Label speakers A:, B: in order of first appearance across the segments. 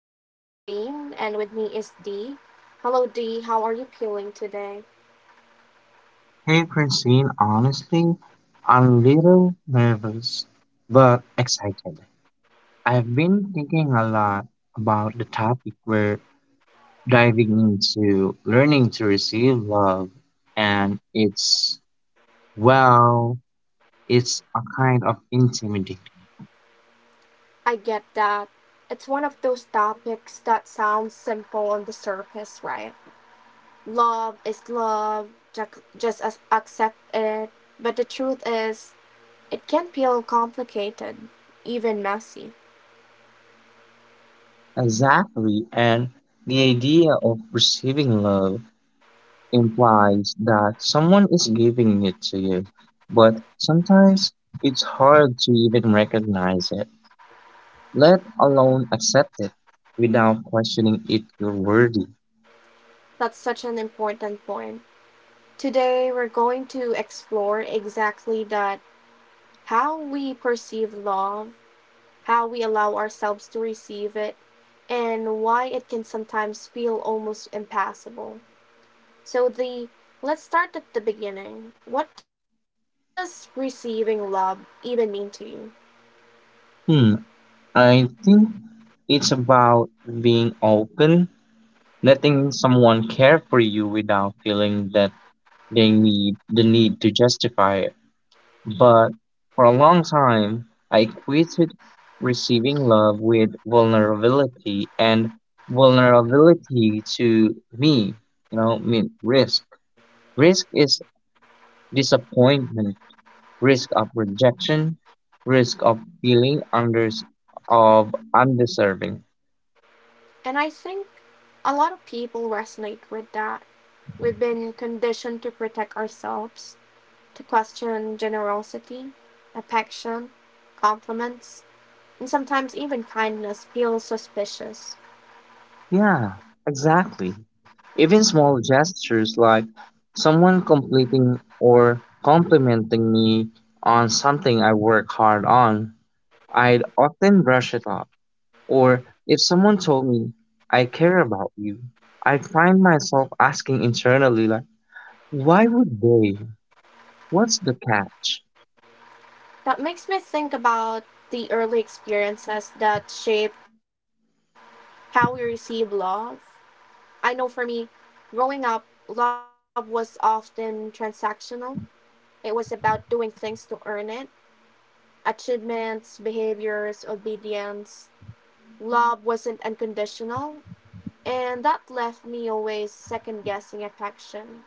A: I am Francine, and with me is Dee. Hello, Dee. How are you feeling today?
B: Hey Francine, honestly, I'm a little nervous, but excited. I've been thinking a lot about the topic we're diving into learning to receive love, and well, it's a kind of intimidating.
A: I get that. It's one of those topics that sounds simple on the surface, right? Love is love, accept it. But the truth is, it can feel complicated, even messy.
B: Exactly, and the idea of receiving love implies that someone is giving it to you, but sometimes it's hard to even recognize it, let alone accept it without questioning if you're worthy.
A: That's such an important point. Today, we're going to explore exactly that, how we perceive love, how we allow ourselves to receive it, and why it can sometimes feel almost impassable. So the Let's start at the beginning. What does receiving love even mean to you?
B: Hmm, I think it's about being open, letting someone care for you without feeling that the need to justify it. But for a long time, I equated receiving love with vulnerability, and vulnerability to me, mean risk. Risk is disappointment, risk of rejection, risk of feeling under of undeserving.
A: And I think a lot of people resonate with that. We've been conditioned to protect ourselves, to question generosity, affection, compliments, and sometimes even kindness feels suspicious.
B: Yeah, exactly. Even small gestures like someone completing or complimenting me on something I work hard on, I'd often brush it off. Or if someone told me, I care about you, I'd find myself asking internally, like, why would they? What's the catch?
A: That makes me think about the early experiences that shape how we receive love. I know for me, growing up, love was often transactional. It was about doing things to earn it, achievements, behaviors, obedience. Love wasn't unconditional, and that left me always second guessing affection,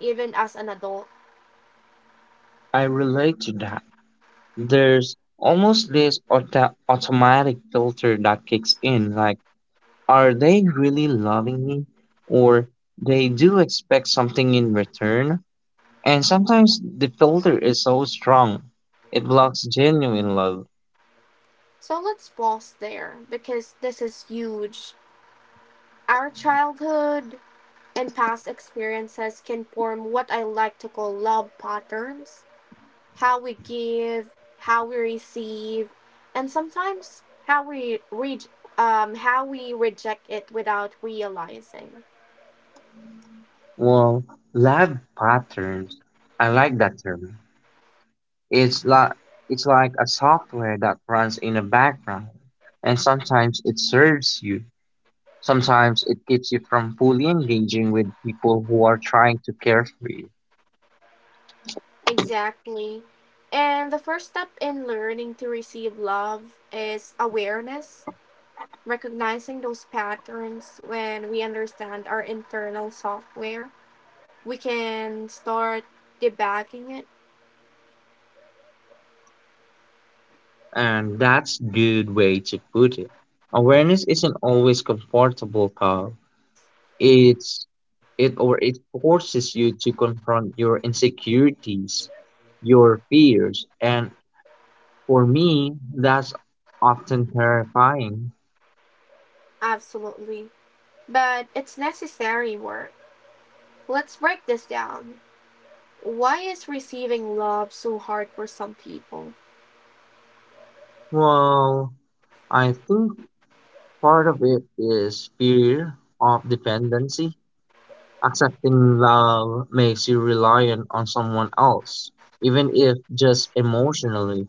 A: even as an adult.
B: I relate to that. There's almost this automatic filter that kicks in like, are they really loving me? Or they do expect something in return? And sometimes the filter is so strong, it blocks genuine love.
A: So let's pause there because this is huge. Our childhood and past experiences can form what I like to call love patterns, how we give, how we receive, and sometimes how we reject it without realizing.
B: Well, lab patterns, I like that term. It's, like it's like a software that runs in the background, and sometimes it serves you. Sometimes it keeps you from fully engaging with people who are trying to care for you.
A: Exactly. And the first step in learning to receive love is awareness, recognizing those patterns. When we understand our internal software, we can start debugging it.
B: And that's good way to put it. Awareness isn't always comfortable, Carl. It's it or it forces you to confront your insecurities, your fears, and for me, that's often terrifying.
A: Absolutely. But it's necessary work. Let's break this down. Why is receiving love so hard for some people?
B: Well, I think part of it is fear of dependency. Accepting love makes you reliant on someone else, even if just emotionally.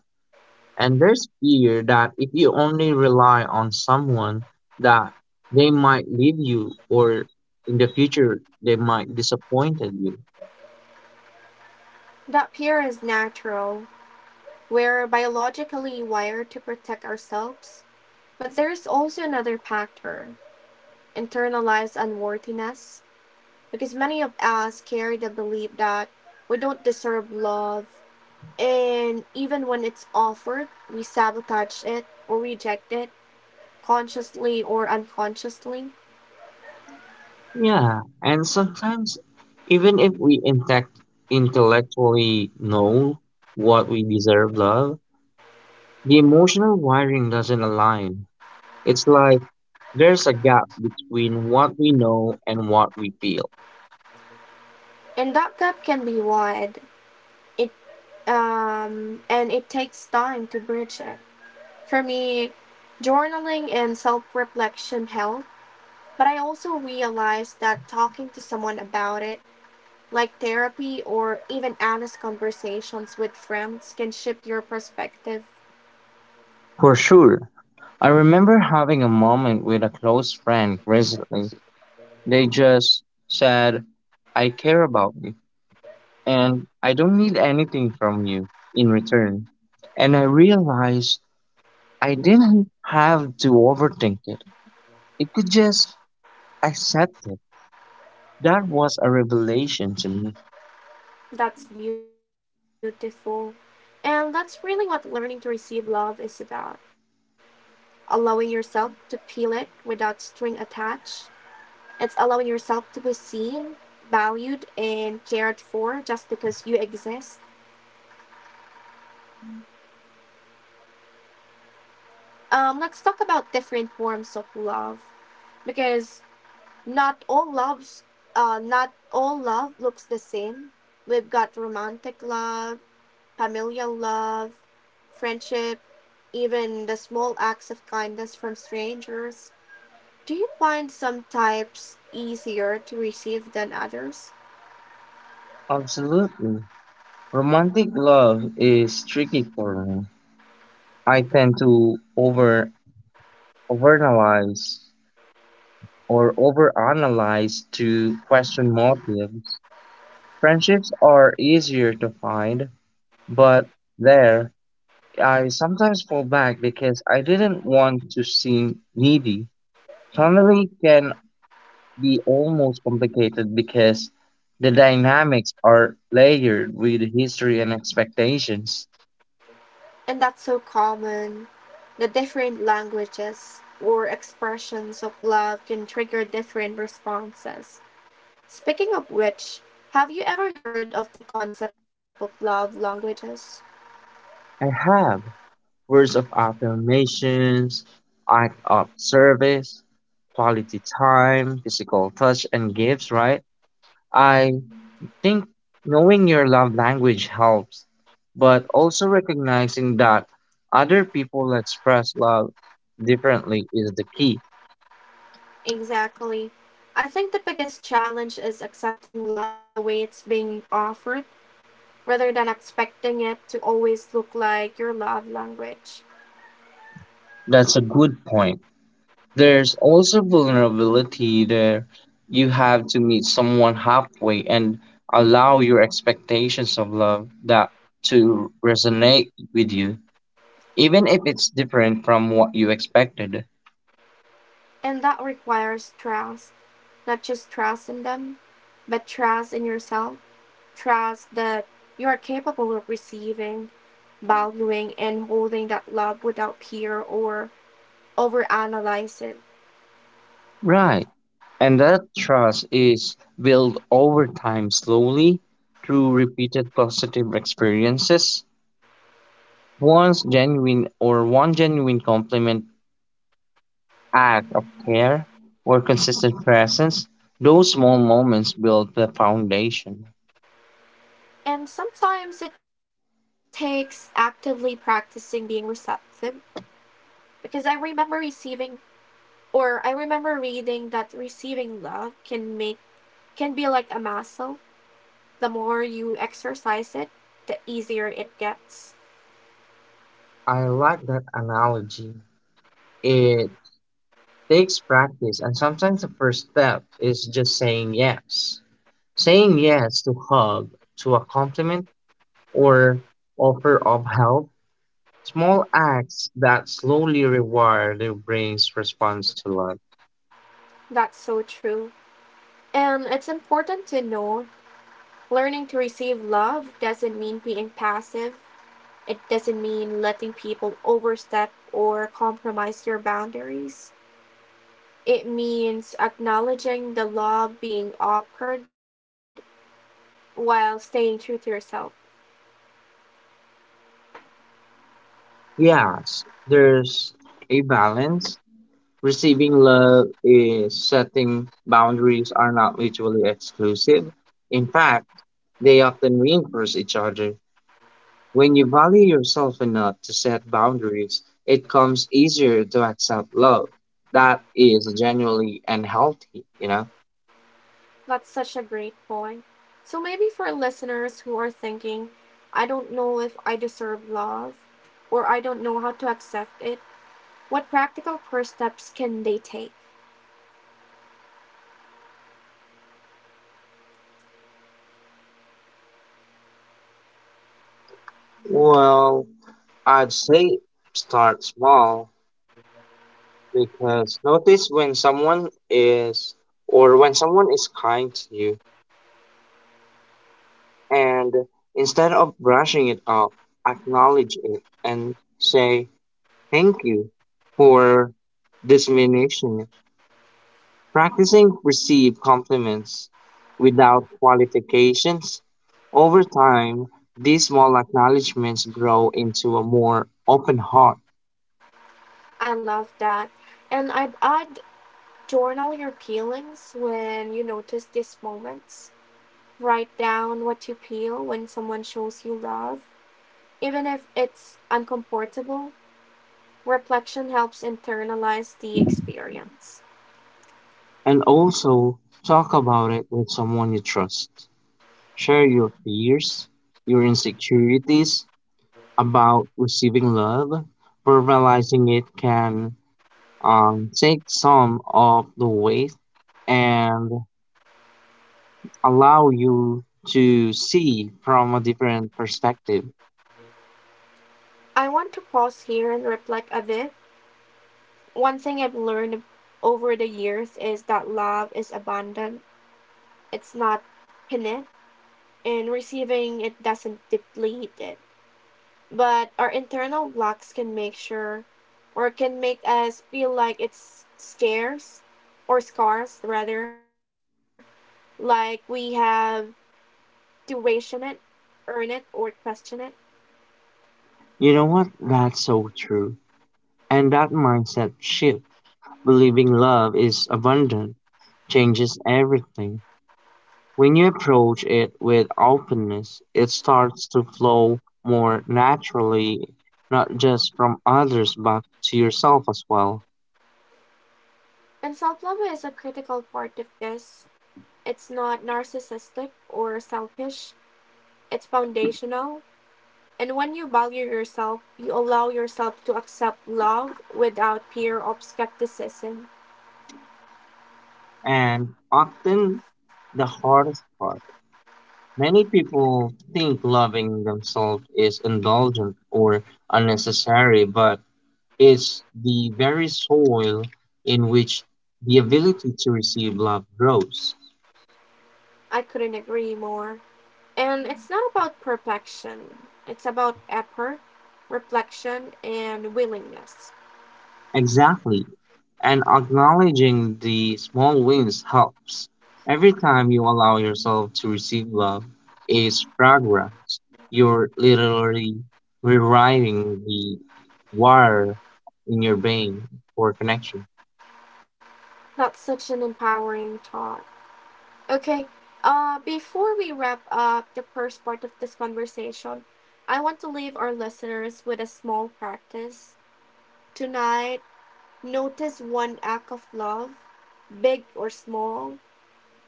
B: And there's fear that if you only rely on someone, that they might leave you or in the future they might disappointed you.
A: That fear is natural. We're biologically wired to protect ourselves. But there's also another factor, internalized unworthiness. Because many of us carry the belief that we don't deserve love, and even when it's offered, we sabotage it or reject it consciously or unconsciously.
B: Yeah, and sometimes even if we intect intellectually know what we deserve love, the emotional wiring doesn't align. It's like there's a gap between what we know and what we feel.
A: And that gap can be wide. It And it takes time to bridge it. For me, journaling and self-reflection help, but I also realized that talking to someone about it, like therapy or even honest conversations with friends, can shift your perspective.
B: For sure. I remember having a moment with a close friend recently. They just said, I care about you and I don't need anything from you in return. And I realized I didn't have to overthink it. It could just accept it. That was a revelation to me.
A: That's beautiful, and that's really what learning to receive love is about, allowing yourself to feel it without string attached. It's allowing yourself to be seen, valued, and cared for just because you exist. Let's talk about different forms of love, because not all loves, not all love looks the same. We've got romantic love, familial love, friendship, even the small acts of kindness from strangers. Do you find some types easier to receive than others?
B: Absolutely. Romantic love is tricky for me. I tend to overanalyze or overanalyze to question motives. Friendships are easier to find, but there I sometimes fall back because I didn't want to seem needy. Family can be almost complicated because the dynamics are layered with history and expectations.
A: And that's so common. The different languages or expressions of love can trigger different responses. Speaking of which, have you ever heard of the concept of love languages?
B: I have words of affirmations, act of service, quality time, physical touch, and gifts, right? I think knowing your love language helps, but also recognizing that other people express love differently is the key.
A: Exactly. I think the biggest challenge is accepting love in the way it's being offered, rather than expecting it to always look like your love language.
B: That's a good point. There's also vulnerability there. You have to meet someone halfway and allow your expectations of love that to resonate with you, even if it's different from what you expected.
A: And that requires trust, not just trust in them, but trust in yourself. Trust that you are capable of receiving, valuing, and holding that love without fear or overanalyze it.
B: Right. And that trust is built over time slowly through repeated positive experiences. Once genuine or one genuine compliment, act of care, or consistent presence, those small moments build the foundation.
A: And sometimes it takes actively practicing being receptive, because I remember reading that receiving love can make can be like a muscle. The more you exercise it, the easier it gets.
B: I like that analogy. It takes practice, and sometimes the first step is just saying yes. Saying yes to hug, to a compliment, or offer of help. Small acts that slowly reward the brain's response to love.
A: That's so true. And it's important to know, learning to receive love doesn't mean being passive. It doesn't mean letting people overstep or compromise your boundaries. It means acknowledging the love being offered while staying true to yourself.
B: Yes, there's a balance. Receiving love is setting boundaries are not mutually exclusive. In fact, they often reinforce each other. When you value yourself enough to set boundaries, it comes easier to accept love. That is genuinely and healthy, you know?
A: That's such a great point. So, maybe for listeners who are thinking, I don't know if I deserve love, or I don't know how to accept it, what practical first steps can they take?
B: Well, I'd say start small because notice when someone is or when someone is kind to you. And instead of brushing it off, acknowledge it and say thank you for this discrimination. Practicing receive compliments without qualifications. Over time, these small acknowledgments grow into a more open heart.
A: I love that. And I'd add, journal your peelings when you notice these moments. Write down what you peel when someone shows you love, even if it's uncomfortable. Reflection helps internalize the experience.
B: And also, talk about it with someone you trust. Share your fears, your insecurities about receiving love. Verbalizing it can take some of the weight and allow you to see from a different perspective.
A: I want to pause here and reflect a bit. One thing I've learned over the years is that love is abundant, it's not finite, and receiving it doesn't deplete it. But our internal blocks can make sure or can make us feel like it's scarce or scarce, rather, like we have to ration it, earn it, or question it.
B: You know what? That's so true. And that mindset shift, believing love is abundant, changes everything. When you approach it with openness, it starts to flow more naturally, not just from others, but to yourself as well.
A: And self-love is a critical part of this. It's not narcissistic or selfish, it's foundational. And when you value yourself, you allow yourself to accept love without fear of skepticism.
B: And often the hardest part, many people think loving themselves is indulgent or unnecessary, but it's the very soil in which the ability to receive love grows.
A: I couldn't agree more. And it's not about perfection, it's about effort, reflection, and willingness.
B: Exactly. And acknowledging the small wins helps. Every time you allow yourself to receive love is progress. You're literally rewiring the wire in your brain for connection.
A: That's such an empowering thought. Okay, before we wrap up the first part of this conversation, I want to leave our listeners with a small practice. Tonight, notice one act of love, big or small,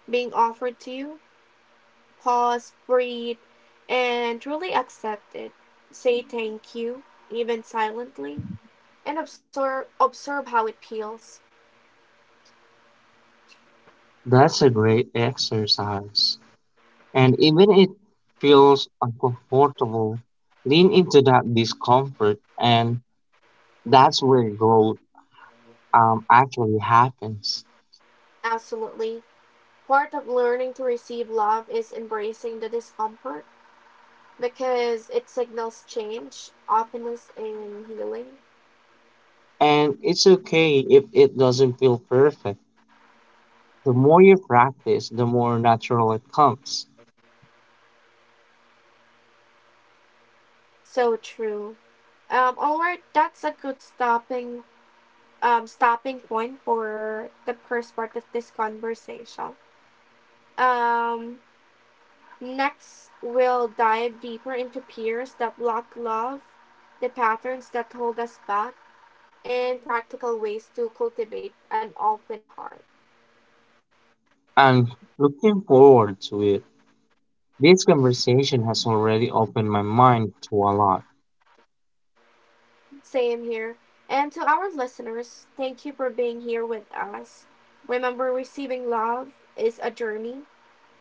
A: being offered to you. Pause, breathe, and truly accept it. Say thank you, even silently, and observe how it peels.
B: That's a great exercise. And even it feels uncomfortable, lean into that discomfort and that's where growth actually happens.
A: Absolutely. Part of learning to receive love is embracing the discomfort, because it signals change, openness, and healing.
B: And it's okay if it doesn't feel perfect. The more you practice, the more natural it comes.
A: So true. Alright, that's a good stopping point for the first part of this conversation. Um Next we'll dive deeper into peers that block love, the patterns that hold us back, and practical ways to cultivate an open heart.
B: I'm looking forward to it. This conversation has already opened my mind to a lot.
A: Same here. And to our listeners, thank you for being here with us. Remember, receiving love is a journey,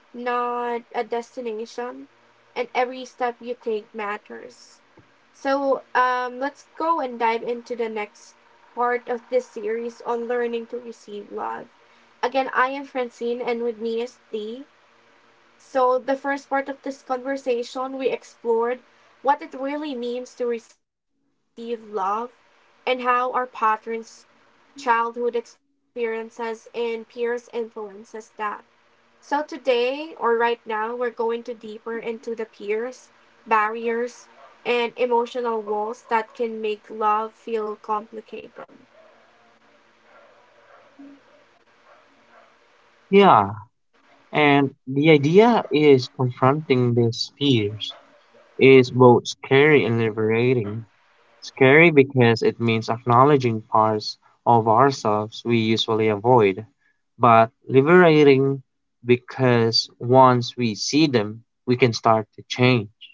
A: not a destination, and every step you take matters. So, let's go and dive into the next part of this series on learning to receive love. Again, I am Francine, and with me is Dee. So, the first part of this conversation, we explored what it really means to receive love and how our patterns, childhood experiences, and peers influences that. So, today or right now, we're going to deeper into the peers, barriers, and emotional walls that can make love feel complicated.
B: Yeah, and the idea is confronting these fears is both scary and liberating. Scary because it means acknowledging parts of ourselves we usually avoid, but liberating because once we see them, we can start to change.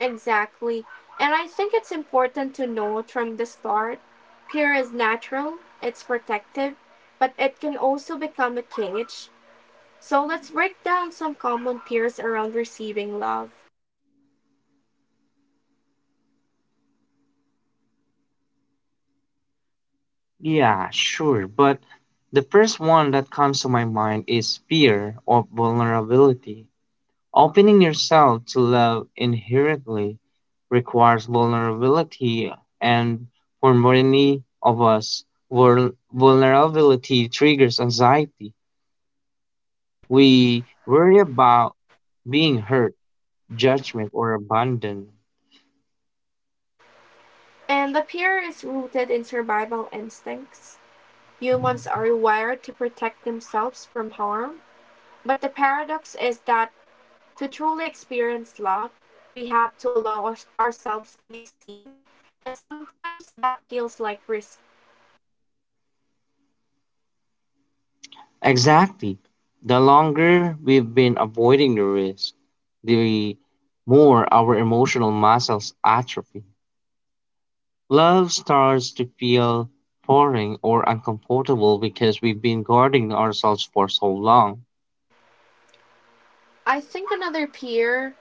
A: Exactly. And I think it's important to note from the start, fear is natural, it's protective, but it can also become a cage. So let's break down some common fears around receiving love.
B: Yeah, sure, but the first one that comes to my mind is fear of vulnerability. Opening yourself to love inherently requires vulnerability, and for many of us, vulnerability triggers anxiety. We worry about being hurt, judgment, or abandoned.
A: And the fear is rooted in survival instincts. Humans are wired to protect themselves from harm, but the paradox is that to truly experience love, we have to ourselves to be seen, and sometimes that feels like risk.
B: Exactly. The longer we've been avoiding the risk, the more our emotional muscles atrophy. Love starts to feel foreign or uncomfortable because we've been guarding ourselves for so long.
A: I think another peer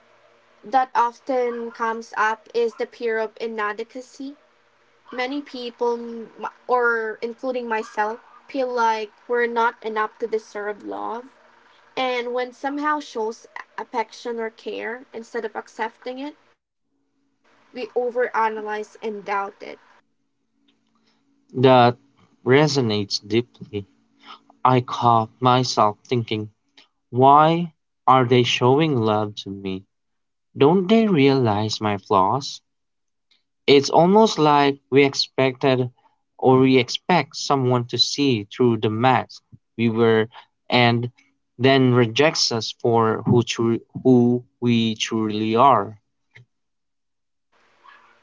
A: that often comes up is the peer of inadequacy. Many people, or including myself, feel like we're not enough to deserve love. And when somehow shows affection or care, instead of accepting it, we overanalyze and doubt it.
B: That resonates deeply. I caught myself thinking, why are they showing love to me? Don't they realize my flaws? It's almost like we expected or we expect someone to see through the mask we were and then rejects us for who we truly are,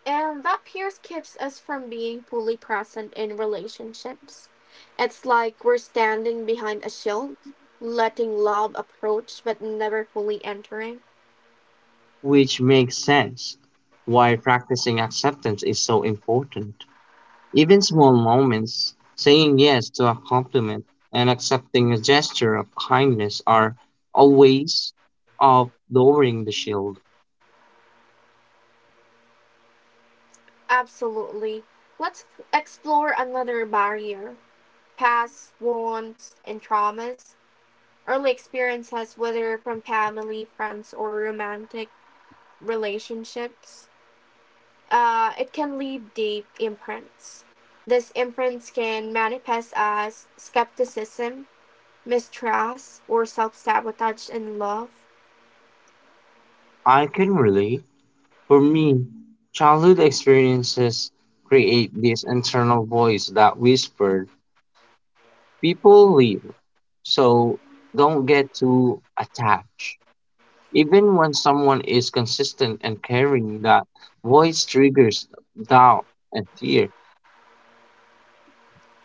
A: And that pierce keeps us from being fully present in relationships. It's like we're standing behind a shield, letting love approach but never fully entering.
B: which makes sense why practicing acceptance is so important. Even small moments, saying yes to a compliment and accepting a gesture of kindness, are a ways of lowering the shield.
A: Absolutely. Let's explore another barrier, past wounds and traumas, early experiences, whether from family, friends, or romantic relationships. It can leave deep imprints. These imprints can manifest as skepticism, mistrust, or self sabotage in love.
B: I can relate. For me, childhood experiences create this internal voice that whispered, people leave, so don't get too attached. Even when someone is consistent and caring, that voice triggers doubt and fear.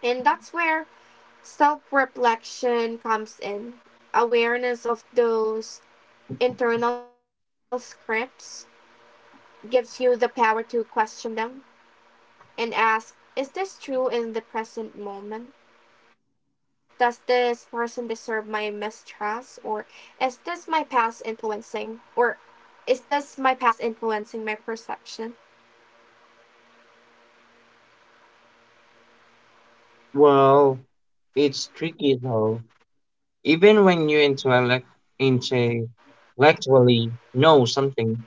A: And that's where self reflection comes in. Awareness of those internal scripts gives you the power to question them and ask, is this true in the present moment? Does this person deserve my mistrust? Or is this my past influencing? Or is this my past influencing my perception?
B: Well, it's tricky though. Even when you intellectually know something,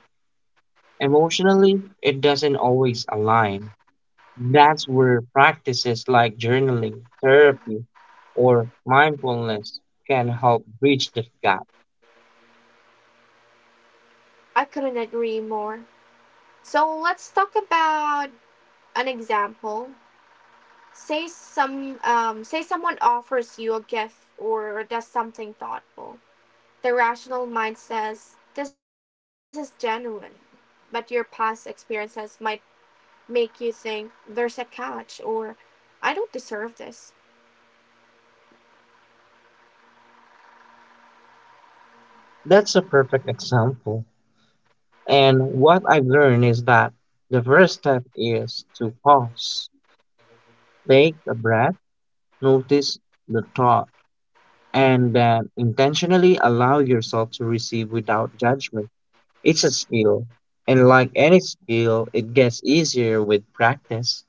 B: emotionally it doesn't always align. That's where practices like journaling, therapy, or mindfulness can help bridge the gap.
A: I couldn't agree more. So let's talk about an example. Say someone offers you a gift or does something thoughtful. The rational mind says this is genuine, but your past experiences might make you think there's a catch, or I don't deserve this.
B: That's a perfect example. And what I've learned is that the first step is to pause, take a breath, notice the thought and then intentionally allow yourself to receive without judgment. It's a skill. And like any skill, it gets easier with practice.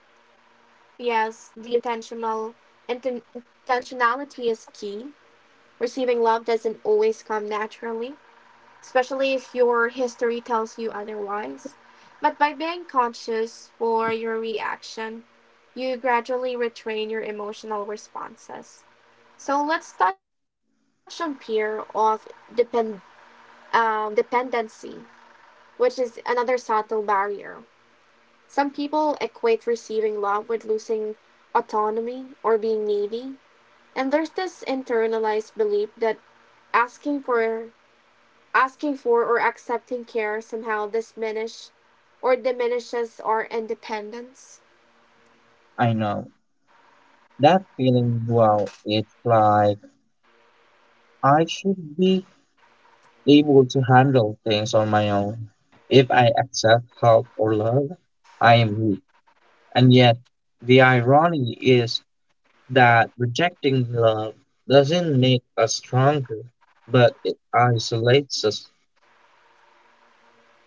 A: Yes, the intentionality is key. Receiving love doesn't always come naturally, especially if your history tells you otherwise. But by being conscious for your reaction, you gradually retrain your emotional responses. So let's touch on fear of depend dependency, which is another subtle barrier. Some people equate receiving love with losing autonomy or being needy, and there's this internalized belief that asking for asking for or accepting care somehow diminishes our independence.
B: I know that feeling well, it's like I should be able to handle things on my own. If I accept help or love, I am weak. And yet, the irony is that rejecting love doesn't make us stronger, but it isolates us.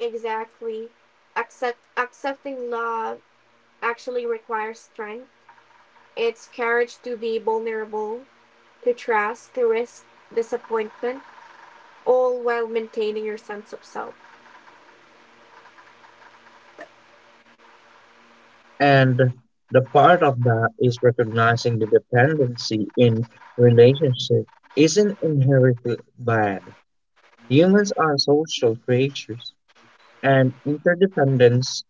A: Exactly. Accepting love actually requires strength. It's courage to be vulnerable, to trust, to risk disappointment, all while maintaining your sense of self.
B: And the part of that is recognizing the dependency in relationship isn't inherently bad. Humans are social creatures, and interdependence,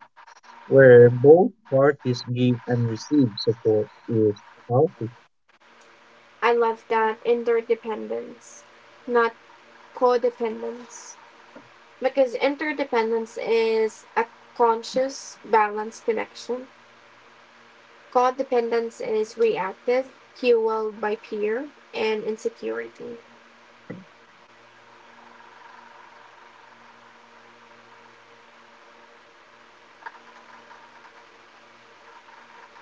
B: where both parties give and receive support, is healthy.
A: I love that, interdependence, not codependence. Because interdependence is a conscious, balanced connection. Codependence is reactive, fueled by fear and insecurity.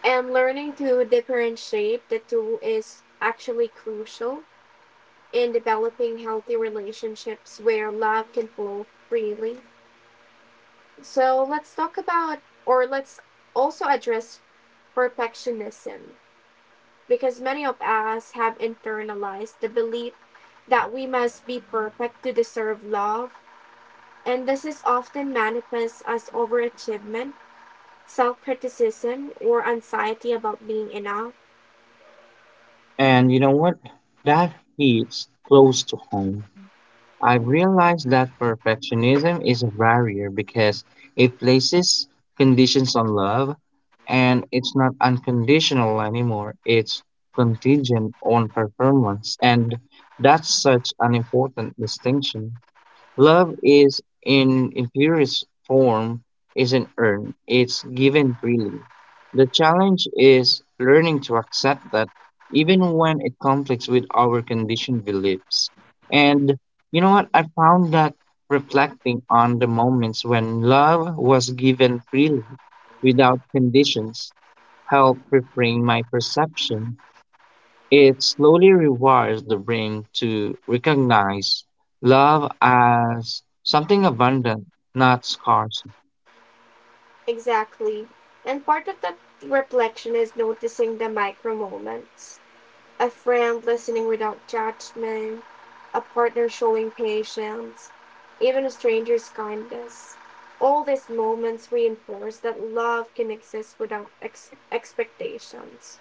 A: And learning to differentiate the two is actually crucial in developing healthy relationships where love can flow freely. So let's talk about, or Let's also address perfectionism. Because many of us have internalized the belief that we must be perfect to deserve love, and this is often manifests as overachievement, self criticism, or anxiety about being enough.
B: And you know what? That hits close to home. I have realized that perfectionism is a barrier because it places conditions on love and it's not unconditional anymore. It's contingent on performance. And that's such an important distinction. Love is in purest form isn't earned, it's given freely. The challenge is learning to accept that even when it conflicts with our conditioned beliefs. And you know what? I found that reflecting on the moments when love was given freely without conditions helped reframe my perception. It slowly rewires the brain to recognize love as something abundant, not scarce.
A: Exactly. And part of that reflection is noticing the micro moments. A friend listening without judgment, a partner showing patience, even a stranger's kindness. All these moments reinforce that love can exist without expectations.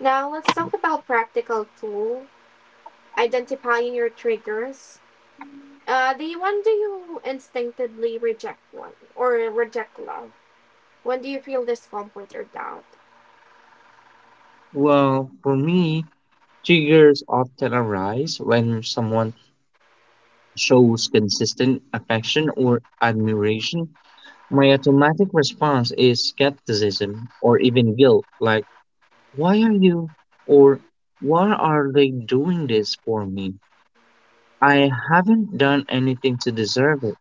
A: Now, let's talk about practical tools: identifying your triggers. When do you instinctively reject one or reject love? When do you feel discomfort or doubt?
B: Well, for me, triggers often arise when someone shows consistent affection or admiration. My automatic response is skepticism or even guilt, like, why are you or why are they doing this for me? I haven't done anything to deserve it.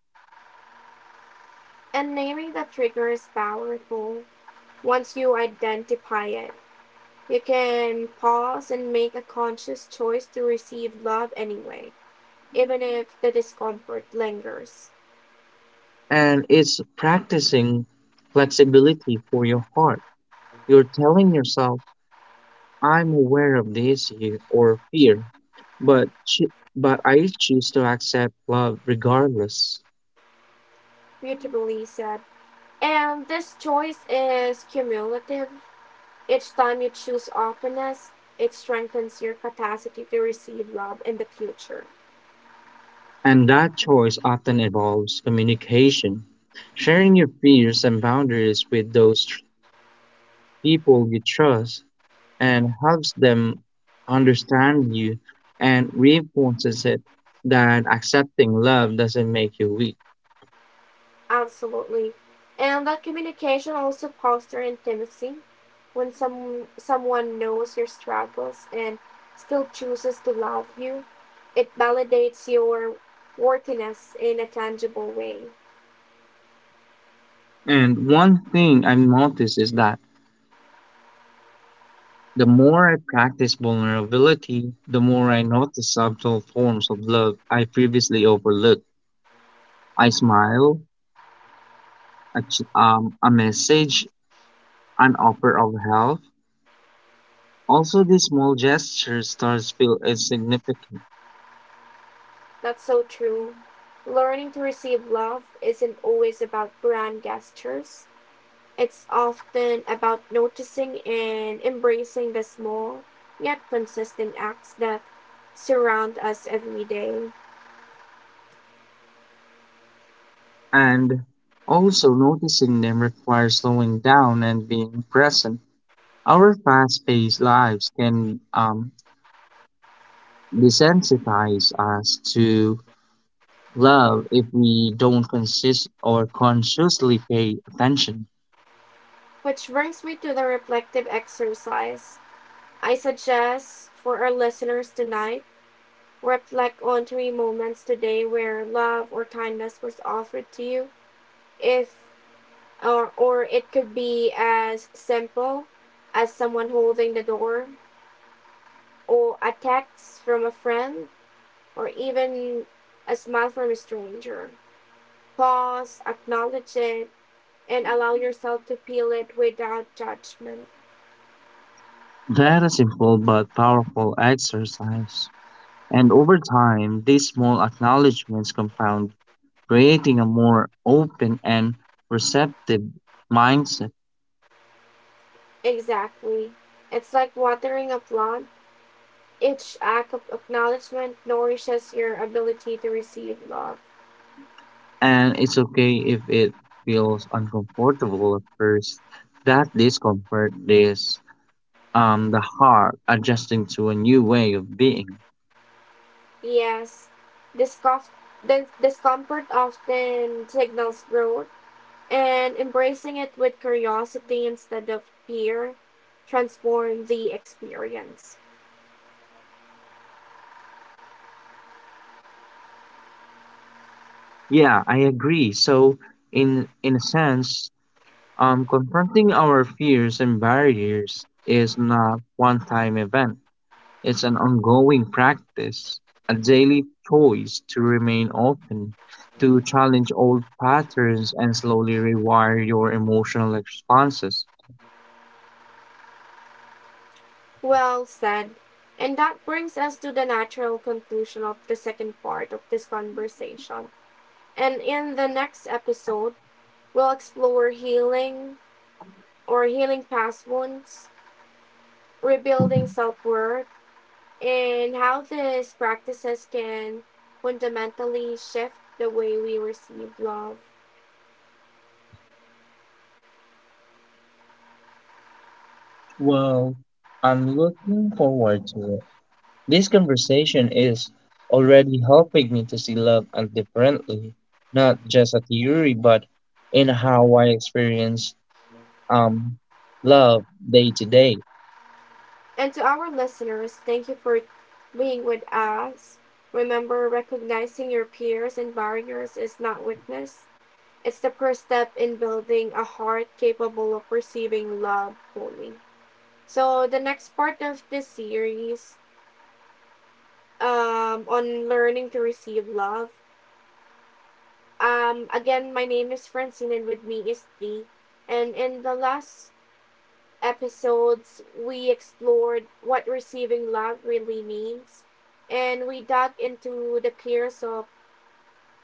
A: And naming the trigger is powerful once you identify it. You can pause and make a conscious choice to receive love anyway, even if the discomfort lingers.
B: And it's practicing flexibility for your heart. You're telling yourself, I'm aware of this here or fear, but I choose to accept love regardless.
A: Beautifully said. And this choice is cumulative. Each time you choose openness, it strengthens your capacity to receive love in the future.
B: And that choice often involves communication, sharing your fears and boundaries with people you trust and helps them understand you and reinforces it that accepting love doesn't make you weak.
A: Absolutely. And that communication also fosters intimacy. When someone knows your struggles and still chooses to love you, it validates your worthiness in a tangible way.
B: And one thing I've noticed is that the more I practice vulnerability, the more I notice subtle forms of love I previously overlooked. I smile, a message, an offer of help. Also, these small gestures start to feel insignificant.
A: That's so true. Learning to receive love isn't always about grand gestures. It's often about noticing and embracing the small yet consistent acts that surround us every day.
B: And also, noticing them requires slowing down and being present. Our fast paced lives can desensitize us to love if we don't consist or consciously pay attention.
A: Which brings me to the reflective exercise. I suggest for our listeners tonight, reflect on three moments today where love or kindness was offered to you. If or, or it could be as simple as someone holding the door, or a text from a friend, or even a smile from a stranger. Pause, acknowledge it, and allow yourself to feel it without judgment.
B: That is simple but powerful exercise. And over time, these small acknowledgments compound, creating a more open and receptive mindset.
A: Exactly. It's like watering a plant. Each act of acknowledgement nourishes your ability to receive love.
B: And it's okay if it feels uncomfortable at first. That discomfort is the heart adjusting to a new way of being.
A: Yes, discomfort the discomfort often signals growth, and embracing it with curiosity instead of fear transforms the experience.
B: Yeah, I agree. So in a sense, confronting our fears and barriers is not one-time event. It's an ongoing practice, a daily choice to remain open, to challenge old patterns and slowly rewire your emotional responses.
A: Well said. And that brings us to the natural conclusion of the second part of this conversation. And in the next episode, we'll explore healing past wounds, rebuilding self worth, and how these practices can fundamentally shift the way we receive love.
B: Well, I'm looking forward to it. This conversation is already helping me to see love and differently, not just a theory, but in how I experience um love day to day.
A: And to our listeners, thank you for being with us. Remember, recognizing your peers and barriers is not weakness. It's the first step in building a heart capable of receiving love fully. So, the next part of this series on learning to receive love. Again, my name is Francine, and with me is Lee. And in the last episodes, we explored what receiving love really means, and we dug into the peers of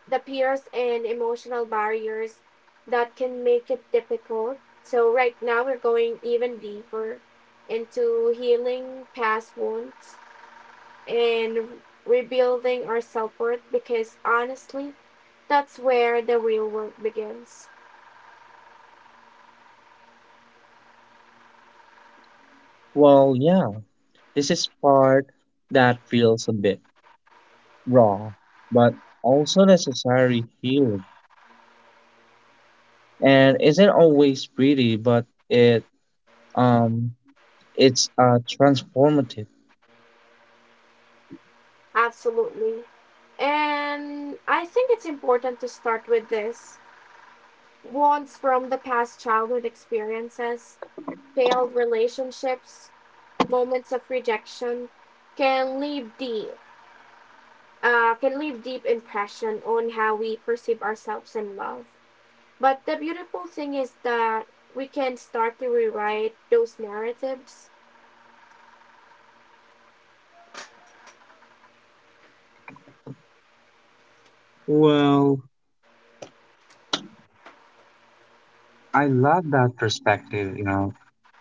A: the peers and emotional barriers that can make it difficult. So right now, we're going even deeper into healing past wounds and rebuilding our self worth because honestly, that's where the real work begins.
B: Well, yeah, this is part that feels a bit raw, but also necessary healing. And isn't always pretty, but um it's transformative.
A: Absolutely. And I think it's important to start with this wounds from the past childhood experiences, failed relationships, moments of rejection can leave deep impression on how we perceive ourselves in love. But the beautiful thing is that we can start to rewrite those narratives.
B: Well, I love that perspective, you know.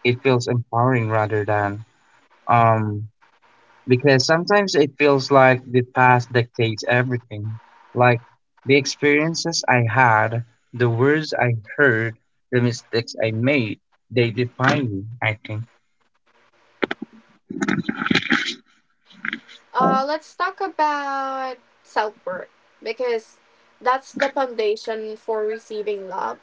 B: It feels empowering rather than um because sometimes it feels like the past dictates everything. Like the experiences I had, the words I heard, the mistakes I made, they define me, I think.
A: Let's talk about self work because that's the foundation for receiving love.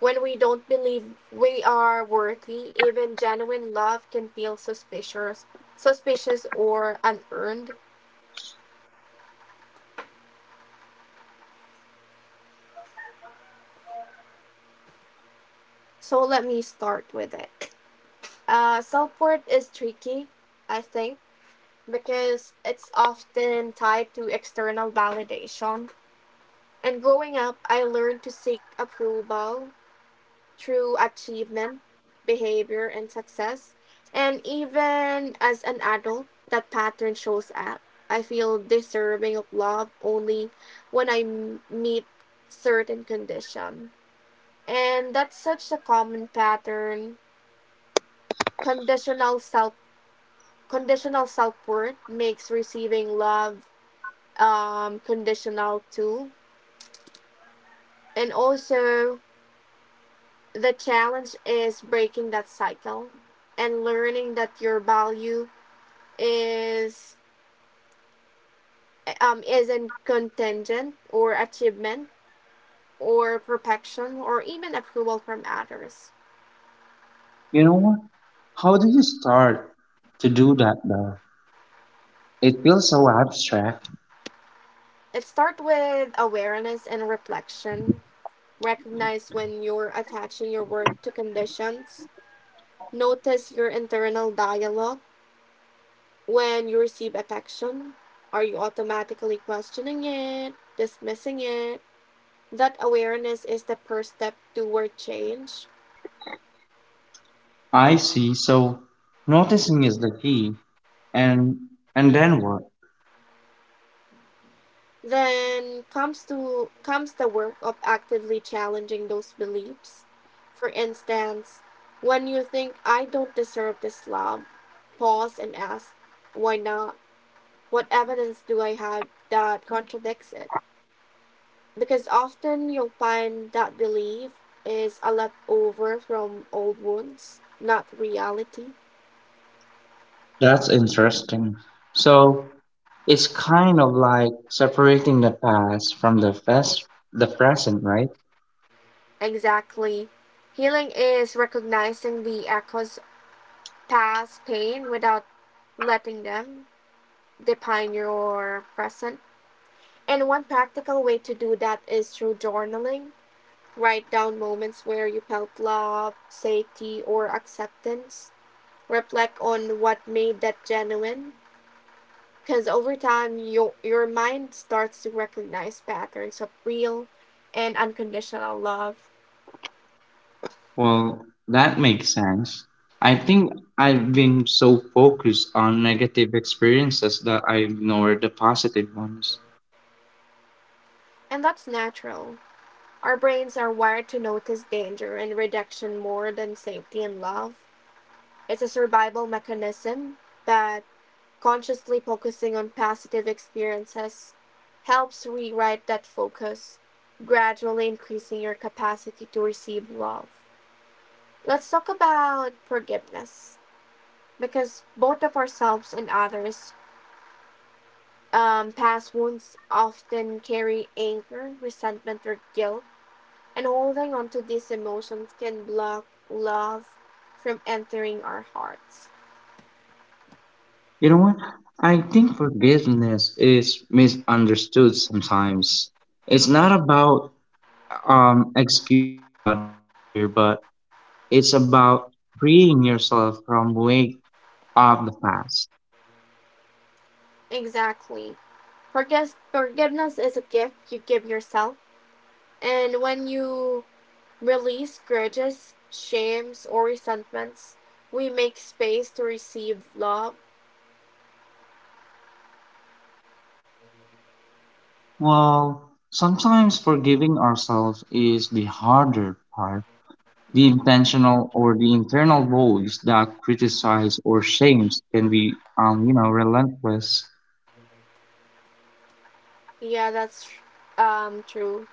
A: When we don't believe we are worthy, even genuine love can feel suspicious or unearned. So let me start with it. Self worth is tricky, I think, because it's often tied to external validation. And growing up, I learned to seek approval through achievement, behavior, and success. And even as an adult, that pattern shows up. I feel deserving of love only when I meet certain condition. And that's such a common pattern. Conditional self conditional self worth makes receiving love conditional too. And also, the challenge is breaking that cycle and learning that your value is isn't contingent or achievement or perfection or even approval from others.
B: You know what? How do you start to do that though? It feels so abstract.
A: It starts with awareness and reflection. Recognize when you're attaching your work to conditions. Notice your internal dialogue when you receive affection. Are you automatically questioning it, dismissing it? That awareness is the first step toward change.
B: I see, so noticing is the key. And and then what?
A: Then comes the work of actively challenging those beliefs. For instance, when you think I don't deserve this love, pause and ask, why not? What evidence do I have that contradicts it? Because often you'll find that belief is a leftover from old wounds, not reality.
B: That's interesting. So it's kind of like separating the past from the past, the present, right?
A: Exactly. Healing is recognizing the echoes of past pain without letting them define your present. And one practical way to do that is through journaling. Write down moments where you felt love, safety, or acceptance. Reflect on what made that genuine. Because over time, your mind starts to recognize patterns of real and unconditional love.
B: Well, that makes sense. I think I've been so focused on negative experiences that I ignored the positive ones.
A: And that's natural. Our brains are wired to notice danger and rejection more than safety and love. It's a survival mechanism, but consciously focusing on positive experiences helps rewrite that focus, gradually increasing your capacity to receive love. Let's talk about forgiveness because both of ourselves and others, past wounds often carry anger, resentment, or guilt, and holding on to these emotions can block love from entering our hearts.
B: You know what? I think forgiveness is misunderstood sometimes. It's not about excusing a bad behavior, but it's about freeing yourself from weight of the past.
A: Exactly. Forgiveness is a gift you give yourself. And when you release grudges, shames, or resentments, we make space to receive love.
B: Well, sometimes forgiving ourselves is the harder part. The intentional or the internal voice that criticizes or shames can be, relentless.
A: Yeah, that's true.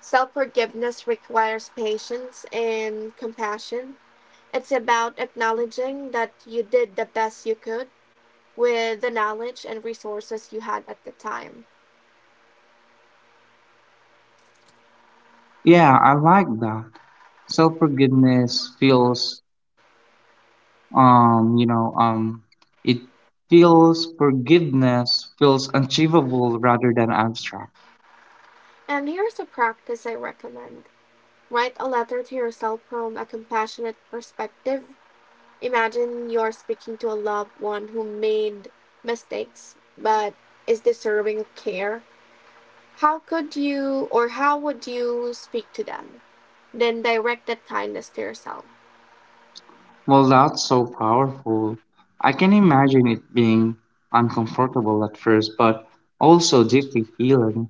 A: Self forgiveness requires patience and compassion. It's about acknowledging that you did the best you could with the knowledge and resources you had at the time.
B: Yeah, I like that. Self forgiveness feels, um, you know, um, it feels forgiveness feels achievable rather than abstract.
A: And here's a practice I recommend: write a letter to yourself from a compassionate perspective. Imagine you're speaking to a loved one who made mistakes but is deserving of care. How would you speak to them? Then direct that kindness to yourself.
B: Well, that's so powerful. I can imagine it being uncomfortable at first, but also deeply healing.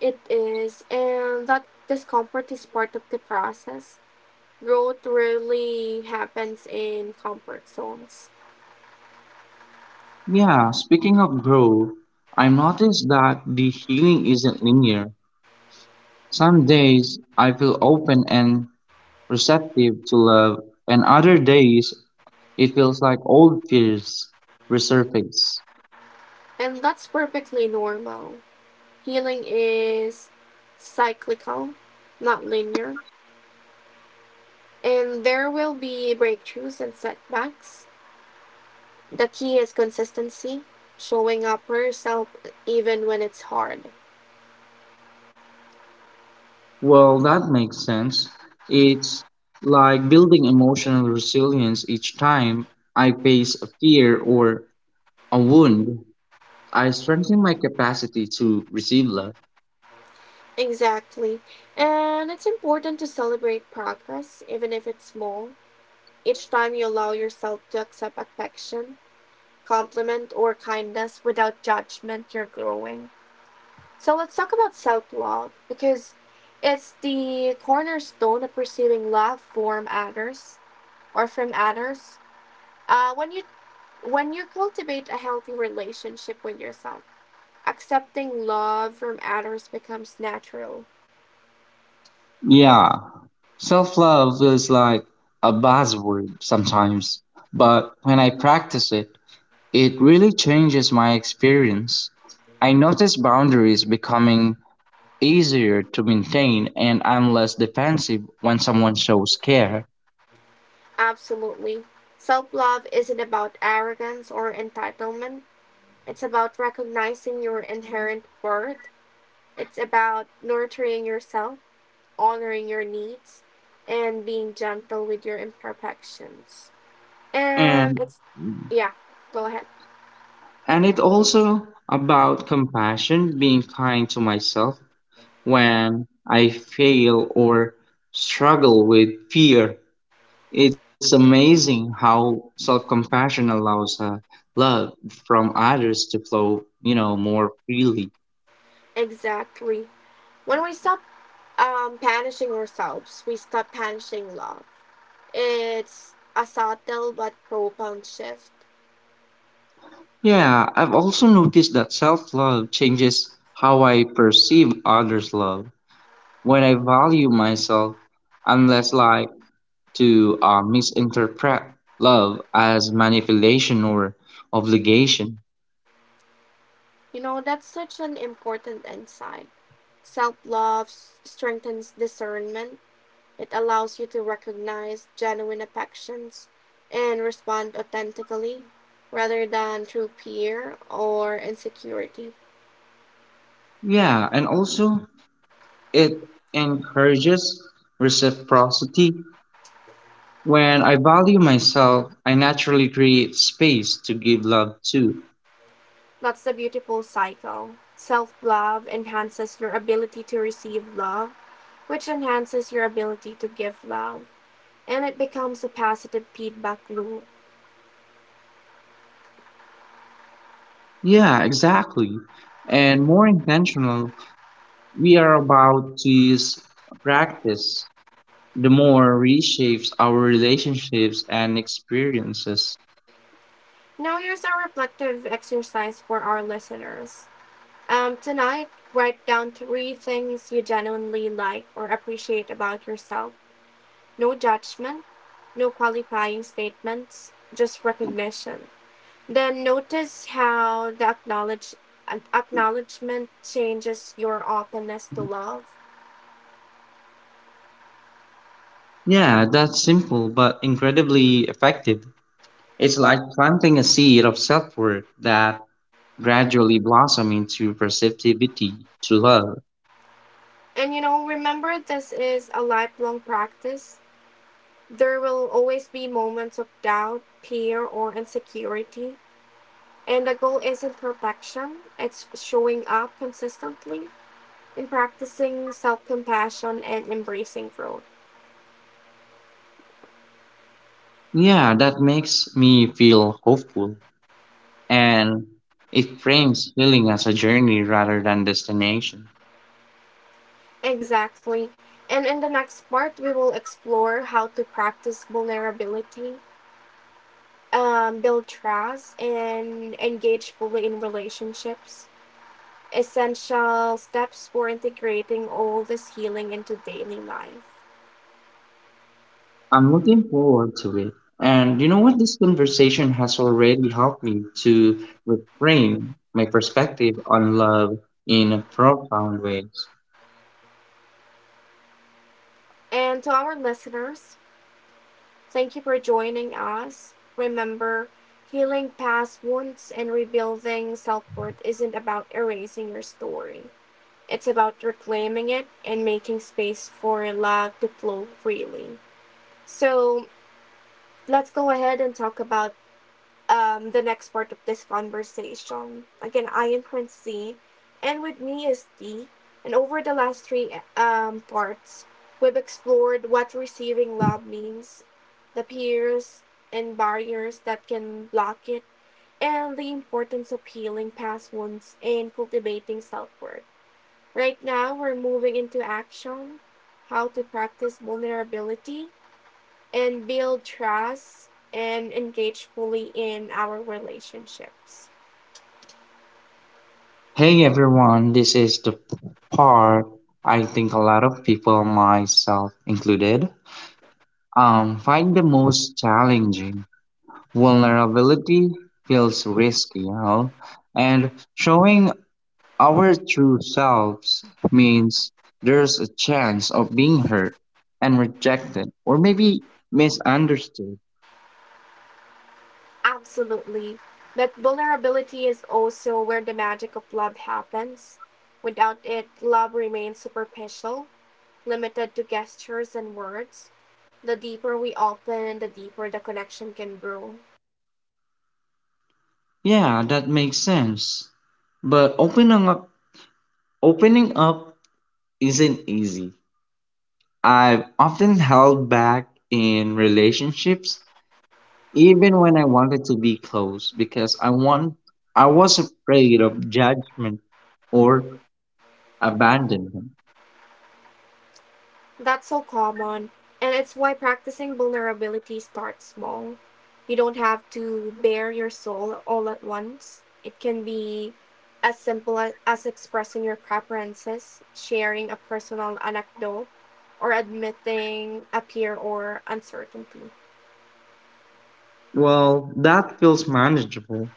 A: It is, and that discomfort is part of the process. Growth rarely happens in comfort zones,
B: Yeah, speaking of growth, I noticed that the healing isn't linear. Some days I feel open and receptive to love, and other days it feels like old fears resurface.
A: and that's perfectly normal. Healing is cyclical, not linear. And there will be breakthroughs and setbacks. The key is consistency, showing up for yourself even when it's hard.
B: Well, that makes sense. It's like building emotional resilience each time I face a fear or a wound. I strengthen my capacity to receive love.
A: Exactly. And it's important to celebrate progress, even if it's small. Each time you allow yourself to accept affection, compliment, or kindness without judgment, you're growing. So let's talk about self love because it's the cornerstone of receiving love from others. Uh, when you When you cultivate a healthy relationship with yourself, accepting love from others becomes natural.
B: Yeah, self love feels like a buzzword sometimes, but when I practice it, it really changes my experience. I notice boundaries becoming easier to maintain and I'm less defensive when someone shows care.
A: Absolutely. Self love isn't about arrogance or entitlement, it's about recognizing your inherent worth. It's about nurturing yourself, honoring your needs, and being gentle with your imperfections. And
B: And
A: it's, yeah, go ahead.
B: And it also about compassion, being kind to myself when I fail or struggle with fear. It's amazing how self compassion allows love from others to flow, you know, more freely.
A: Exactly. When we stop punishing ourselves, we stop punishing love. It's a subtle but profound shift.
B: Yeah, I've also noticed that self love changes how I perceive others' love. When I value myself, I'm less like to misinterpret love as manipulation or obligation.
A: You know, that's such an important insight. Self love strengthens discernment, it allows you to recognize genuine affections and respond authentically rather than through fear or insecurity.
B: Yeah, and also it encourages reciprocity. When I value myself, I naturally create space to give love too.
A: That's the beautiful cycle. Self love enhances your ability to receive love, which enhances your ability to give love, and it becomes a positive feedback loop.
B: Yeah, exactly. And more intentional, we are about this practice, the more reshapes our relationships and experiences.
A: Now, here's a reflective exercise for our listeners. Tonight, write down three things you genuinely like or appreciate about yourself. No judgment, no qualifying statements, just recognition. Then notice how the acknowledgement changes your openness to love.
B: Yeah, that's simple but incredibly effective. It's like planting a seed of self worth that gradually blossom into receptivity to love.
A: And you know, remember this is a lifelong practice. There will always be moments of doubt, fear, or insecurity. And the goal isn't perfection, it's showing up consistently and practicing self compassion and embracing growth.
B: Yeah, that makes me feel hopeful. And it frames healing as a journey rather than destination.
A: Exactly. And in the next part, we will explore how to practice vulnerability, build trust, and engage fully in relationships. Essential steps for integrating all this healing into daily life.
B: I'm looking forward to it. And you know what? This conversation has already helped me to reframe my perspective on love in a profound way.
A: And to our listeners, thank you for joining us. Remember, healing past wounds and rebuilding self worth isn't about erasing your story, it's about reclaiming it and making space for love to flow freely. So, let's go ahead and talk about the next part of this conversation. Again, I am Prince C, and with me is D. And over the last three parts, we've explored what receiving love means, the peers and barriers that can block it, and the importance of healing past wounds and cultivating self worth. Right now, we're moving into action: how to practice vulnerability and build trust and engage fully in our relationships.
B: Hey everyone, this is the part I think a lot of people, myself included, find the most challenging. Vulnerability feels risky, you know, and showing our true selves means there's a chance of being hurt and rejected or maybe misunderstood.
A: Absolutely. But vulnerability is also where the magic of love happens. Without it, love remains superficial, limited to gestures and words. The deeper we open, the deeper the connection can grow.
B: Yeah, that makes sense. But opening up isn't easy. I've often held back in relationships, even when I wanted to be close, because I was afraid of judgment or abandonment.
A: That's so common, and it's why practicing vulnerability starts small. You don't have to bare your soul all at once. It can be as simple as expressing your preferences, sharing a personal anecdote, or admitting a fear or uncertainty.
B: Well, that feels manageable.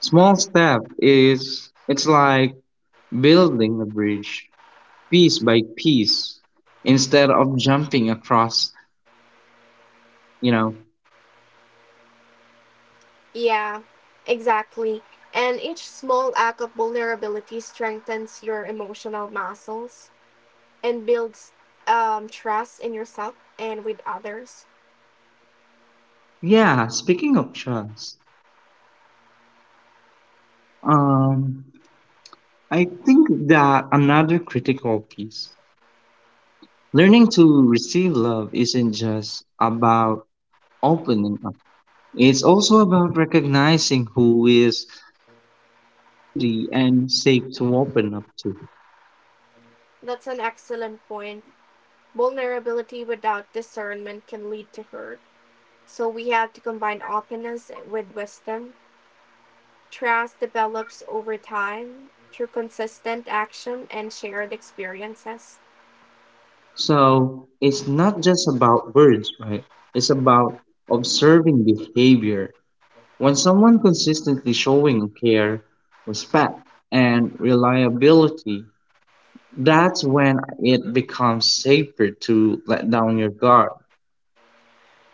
B: Small step is it's like building a bridge piece by piece instead of jumping across, you know.
A: Yeah, exactly. And each small act of vulnerability strengthens your emotional muscles and builds trust in yourself and with others.
B: Yeah, speaking of trust, um I think that another critical piece. Learning to receive love isn't just about opening up, it's also about recognizing who is trustworthy and safe to open up to.
A: That's an excellent point. Vulnerability without discernment can lead to hurt. So we have to combine openness with wisdom. Trust develops over time through consistent action and shared experiences.
B: So it's not just about words, right? It's about observing behavior. When someone consistently showing care, respect, and reliability, that's when it becomes safer to let down your guard.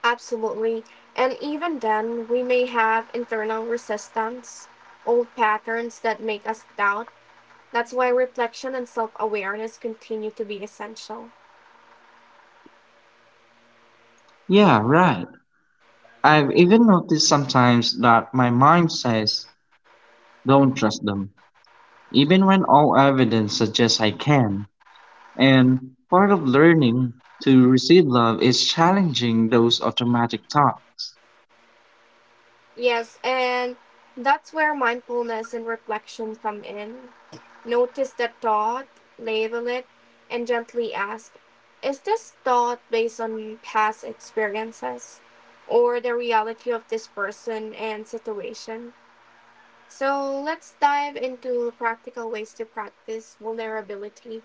A: Absolutely. And even then, we may have internal resistance, old patterns that make us doubt. That's why reflection and self awareness continue to be essential.
B: Yeah, right. I've even noticed sometimes that my mind says, don't trust them, even when all evidence suggests I can. And part of learning to receive love is challenging those automatic thoughts.
A: Yes, and that's where mindfulness and reflection come in. Notice the thought, label it, and gently ask, is this thought based on past experiences or the reality of this person and situation? So let's dive into practical ways to practice vulnerability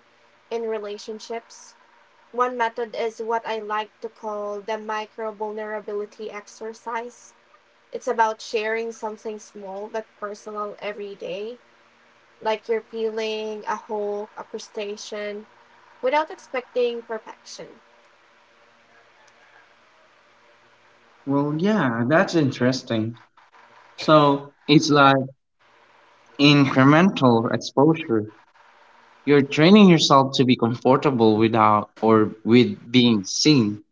A: in relationships. One method is what I like to call the micro vulnerability exercise. It's about sharing something small but personal every day, like you're peeling a crustacean without expecting perfection.
B: Well, yeah, that's interesting. So it's like incremental exposure. You're training yourself to be comfortable without or with being seen.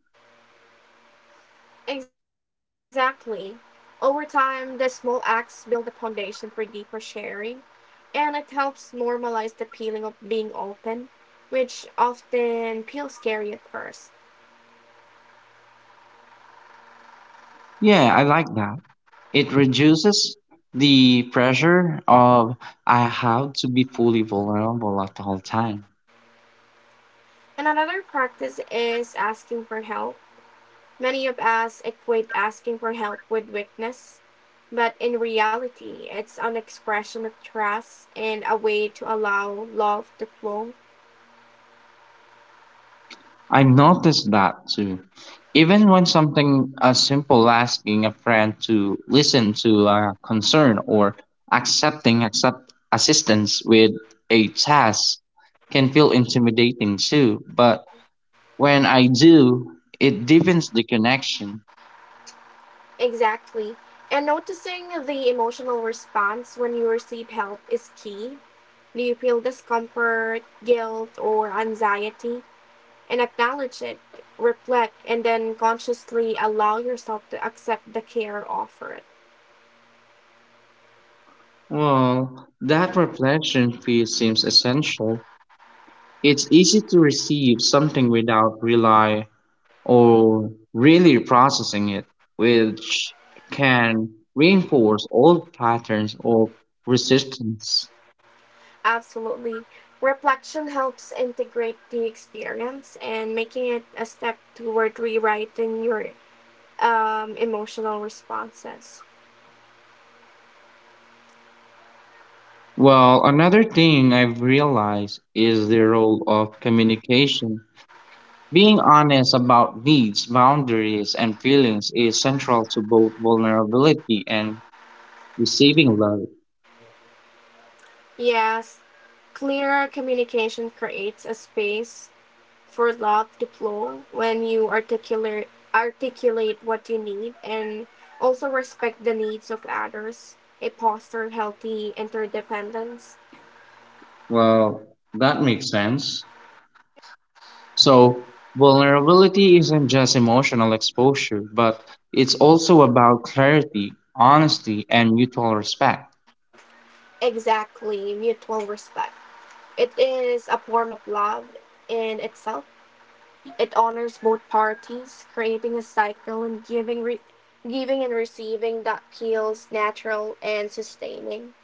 A: Exactly. Over time, the small acts build a foundation for deeper sharing, and it helps normalize the feeling of being open, which often feels scary at first.
B: Yeah, I like that. It reduces the pressure of I have to be fully vulnerable at all time.
A: And another practice is asking for help. Many of us equate asking for help with weakness, but in reality, it's an expression of trust and a way to allow love to flow.
B: I noticed that too. Even when something as simple asking a friend to listen to a concern or accepting accept assistance with a task can feel intimidating too, but when I do, it deepens the connection.
A: Exactly. And noticing the emotional response when you receive help is key. Do you feel discomfort, guilt, or anxiety? And acknowledge it, reflect, and then consciously allow yourself to accept the care offered.
B: Well, that reflection piece seems essential. It's easy to receive something without rely or really processing it, which can reinforce old patterns of resistance.
A: Absolutely. Reflection helps integrate the experience and making it a step toward rewriting your emotional responses.
B: Well, another thing I've realized is the role of communication. Being honest about needs, boundaries, and feelings is central to both vulnerability and receiving love.
A: Yes, clearer communication creates a space for love to flow when you articulate what you need and also respect the needs of others. It fosters healthy interdependence.
B: Well, that makes sense. So, vulnerability isn't just emotional exposure, but it's also about clarity, honesty, and mutual respect.
A: Exactly, mutual respect. It is a form of love in itself. It honors both parties, creating a cycle and giving and receiving that feels natural and sustaining.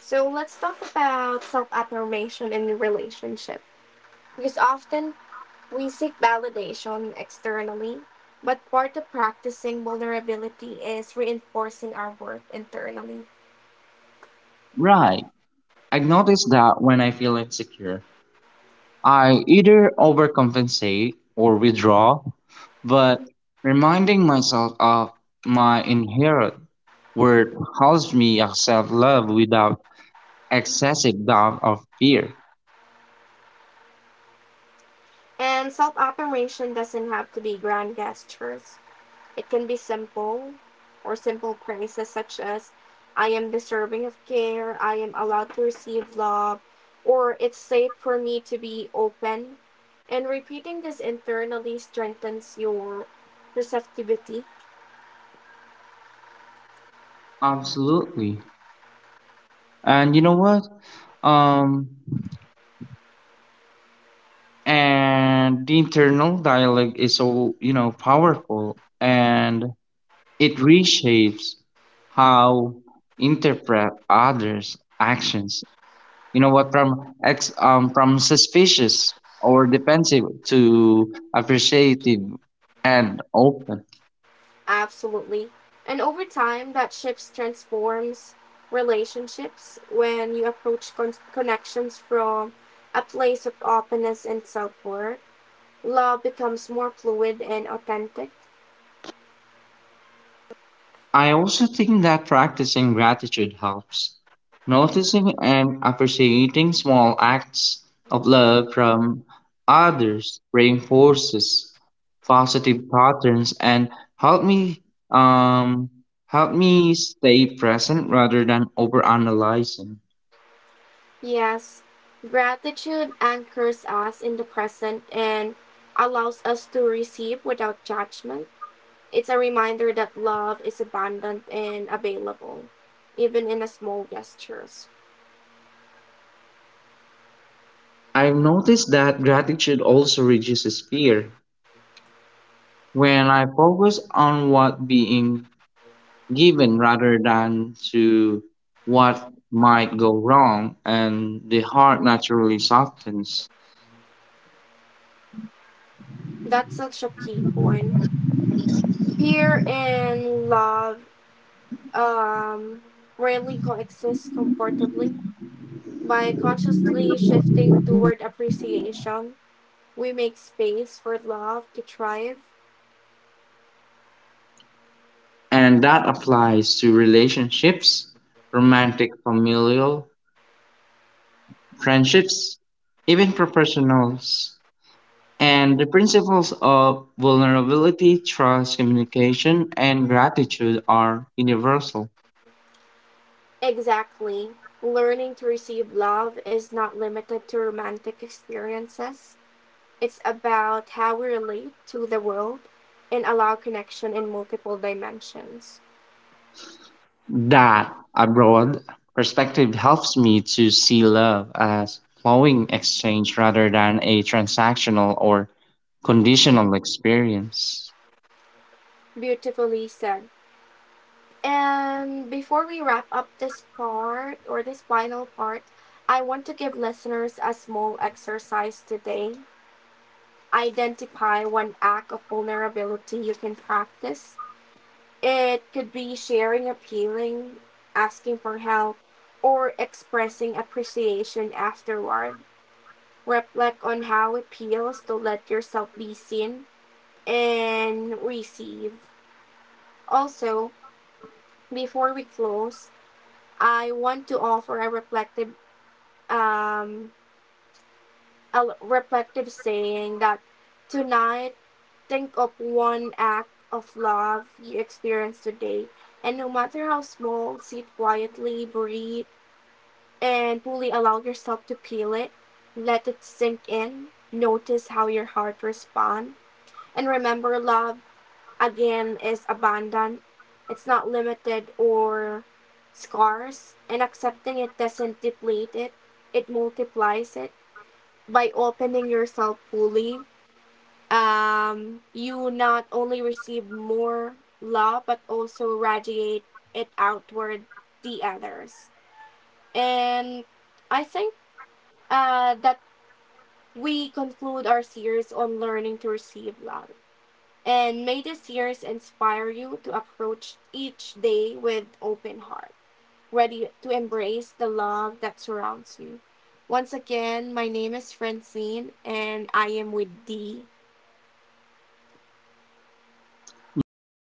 A: So let's talk about self affirmation in the relationship because often we seek validation externally, but part of practicing vulnerability is reinforcing our worth internally.
B: Right. I noticed that when I feel insecure, I either overcompensate or withdraw, but reminding myself of my inherent worth helps me accept love without excessive doubt or fear.
A: And self affirmation doesn't have to be grand gestures. It can be simple phrases such as, I am deserving of care, I am allowed to receive love, or it's safe for me to be open. And repeating this internally strengthens your receptivity.
B: Absolutely. And you know what? Um, and the internal dialogue is so you know powerful and it reshapes how interpret others actions you know what from ex from suspicious or defensive to appreciative and open.
A: Absolutely. And over time, that shift transforms relationships when you approach connections from a place of openness and self worth. Love becomes more fluid and authentic.
B: I also think that practicing gratitude helps. Noticing and appreciating small acts of love from others reinforces positive patterns and help me um, help me stay present rather than overanalyzing.
A: Yes, gratitude anchors us in the present and allows us to receive without judgment. It's a reminder that love is abundant and available, even in the small gestures.
B: I've noticed that gratitude also reduces fear. When I focus on what being given rather than to what might go wrong and the heart naturally softens.
A: That's such a key point. Fear and love um, rarely coexist comfortably. By consciously shifting toward appreciation, we make space for love to thrive.
B: And that applies to relationships, romantic, familial, friendships, even professionals, and the principles of vulnerability, trust, communication and gratitude are universal.
A: Exactly. Learning to receive love is not limited to romantic experiences. It's about how we relate to the world and allow connection in multiple dimensions.
B: That a broad perspective helps me to see love as flowing exchange rather than a transactional or conditional experience.
A: Beautifully said. And before we wrap up this part or this final part, I want to give listeners a small exercise today. Identify one act of vulnerability you can practice. It could be sharing a feeling, asking for help, or expressing appreciation afterward. Reflect on how it feels to let yourself be seen and receive. Also, before we close, I want to offer a um, reflective saying that tonight, think of one act of love you experienced today, and no matter how small, sit quietly, breathe, and fully allow yourself to peel it. Let it sink in. Notice how your heart responds. And remember, love, again, is abundant. It's not limited or scarce, and accepting it doesn't deplete it, it multiplies it. By opening yourself fully, you not only receive more love, but also radiate it outward to others. And I think that we conclude our series on learning to receive love. And may this series inspire you to approach each day with open heart, ready to embrace the love that surrounds you. Once again, my name is Francine and I am with Dee.
B: Yeah,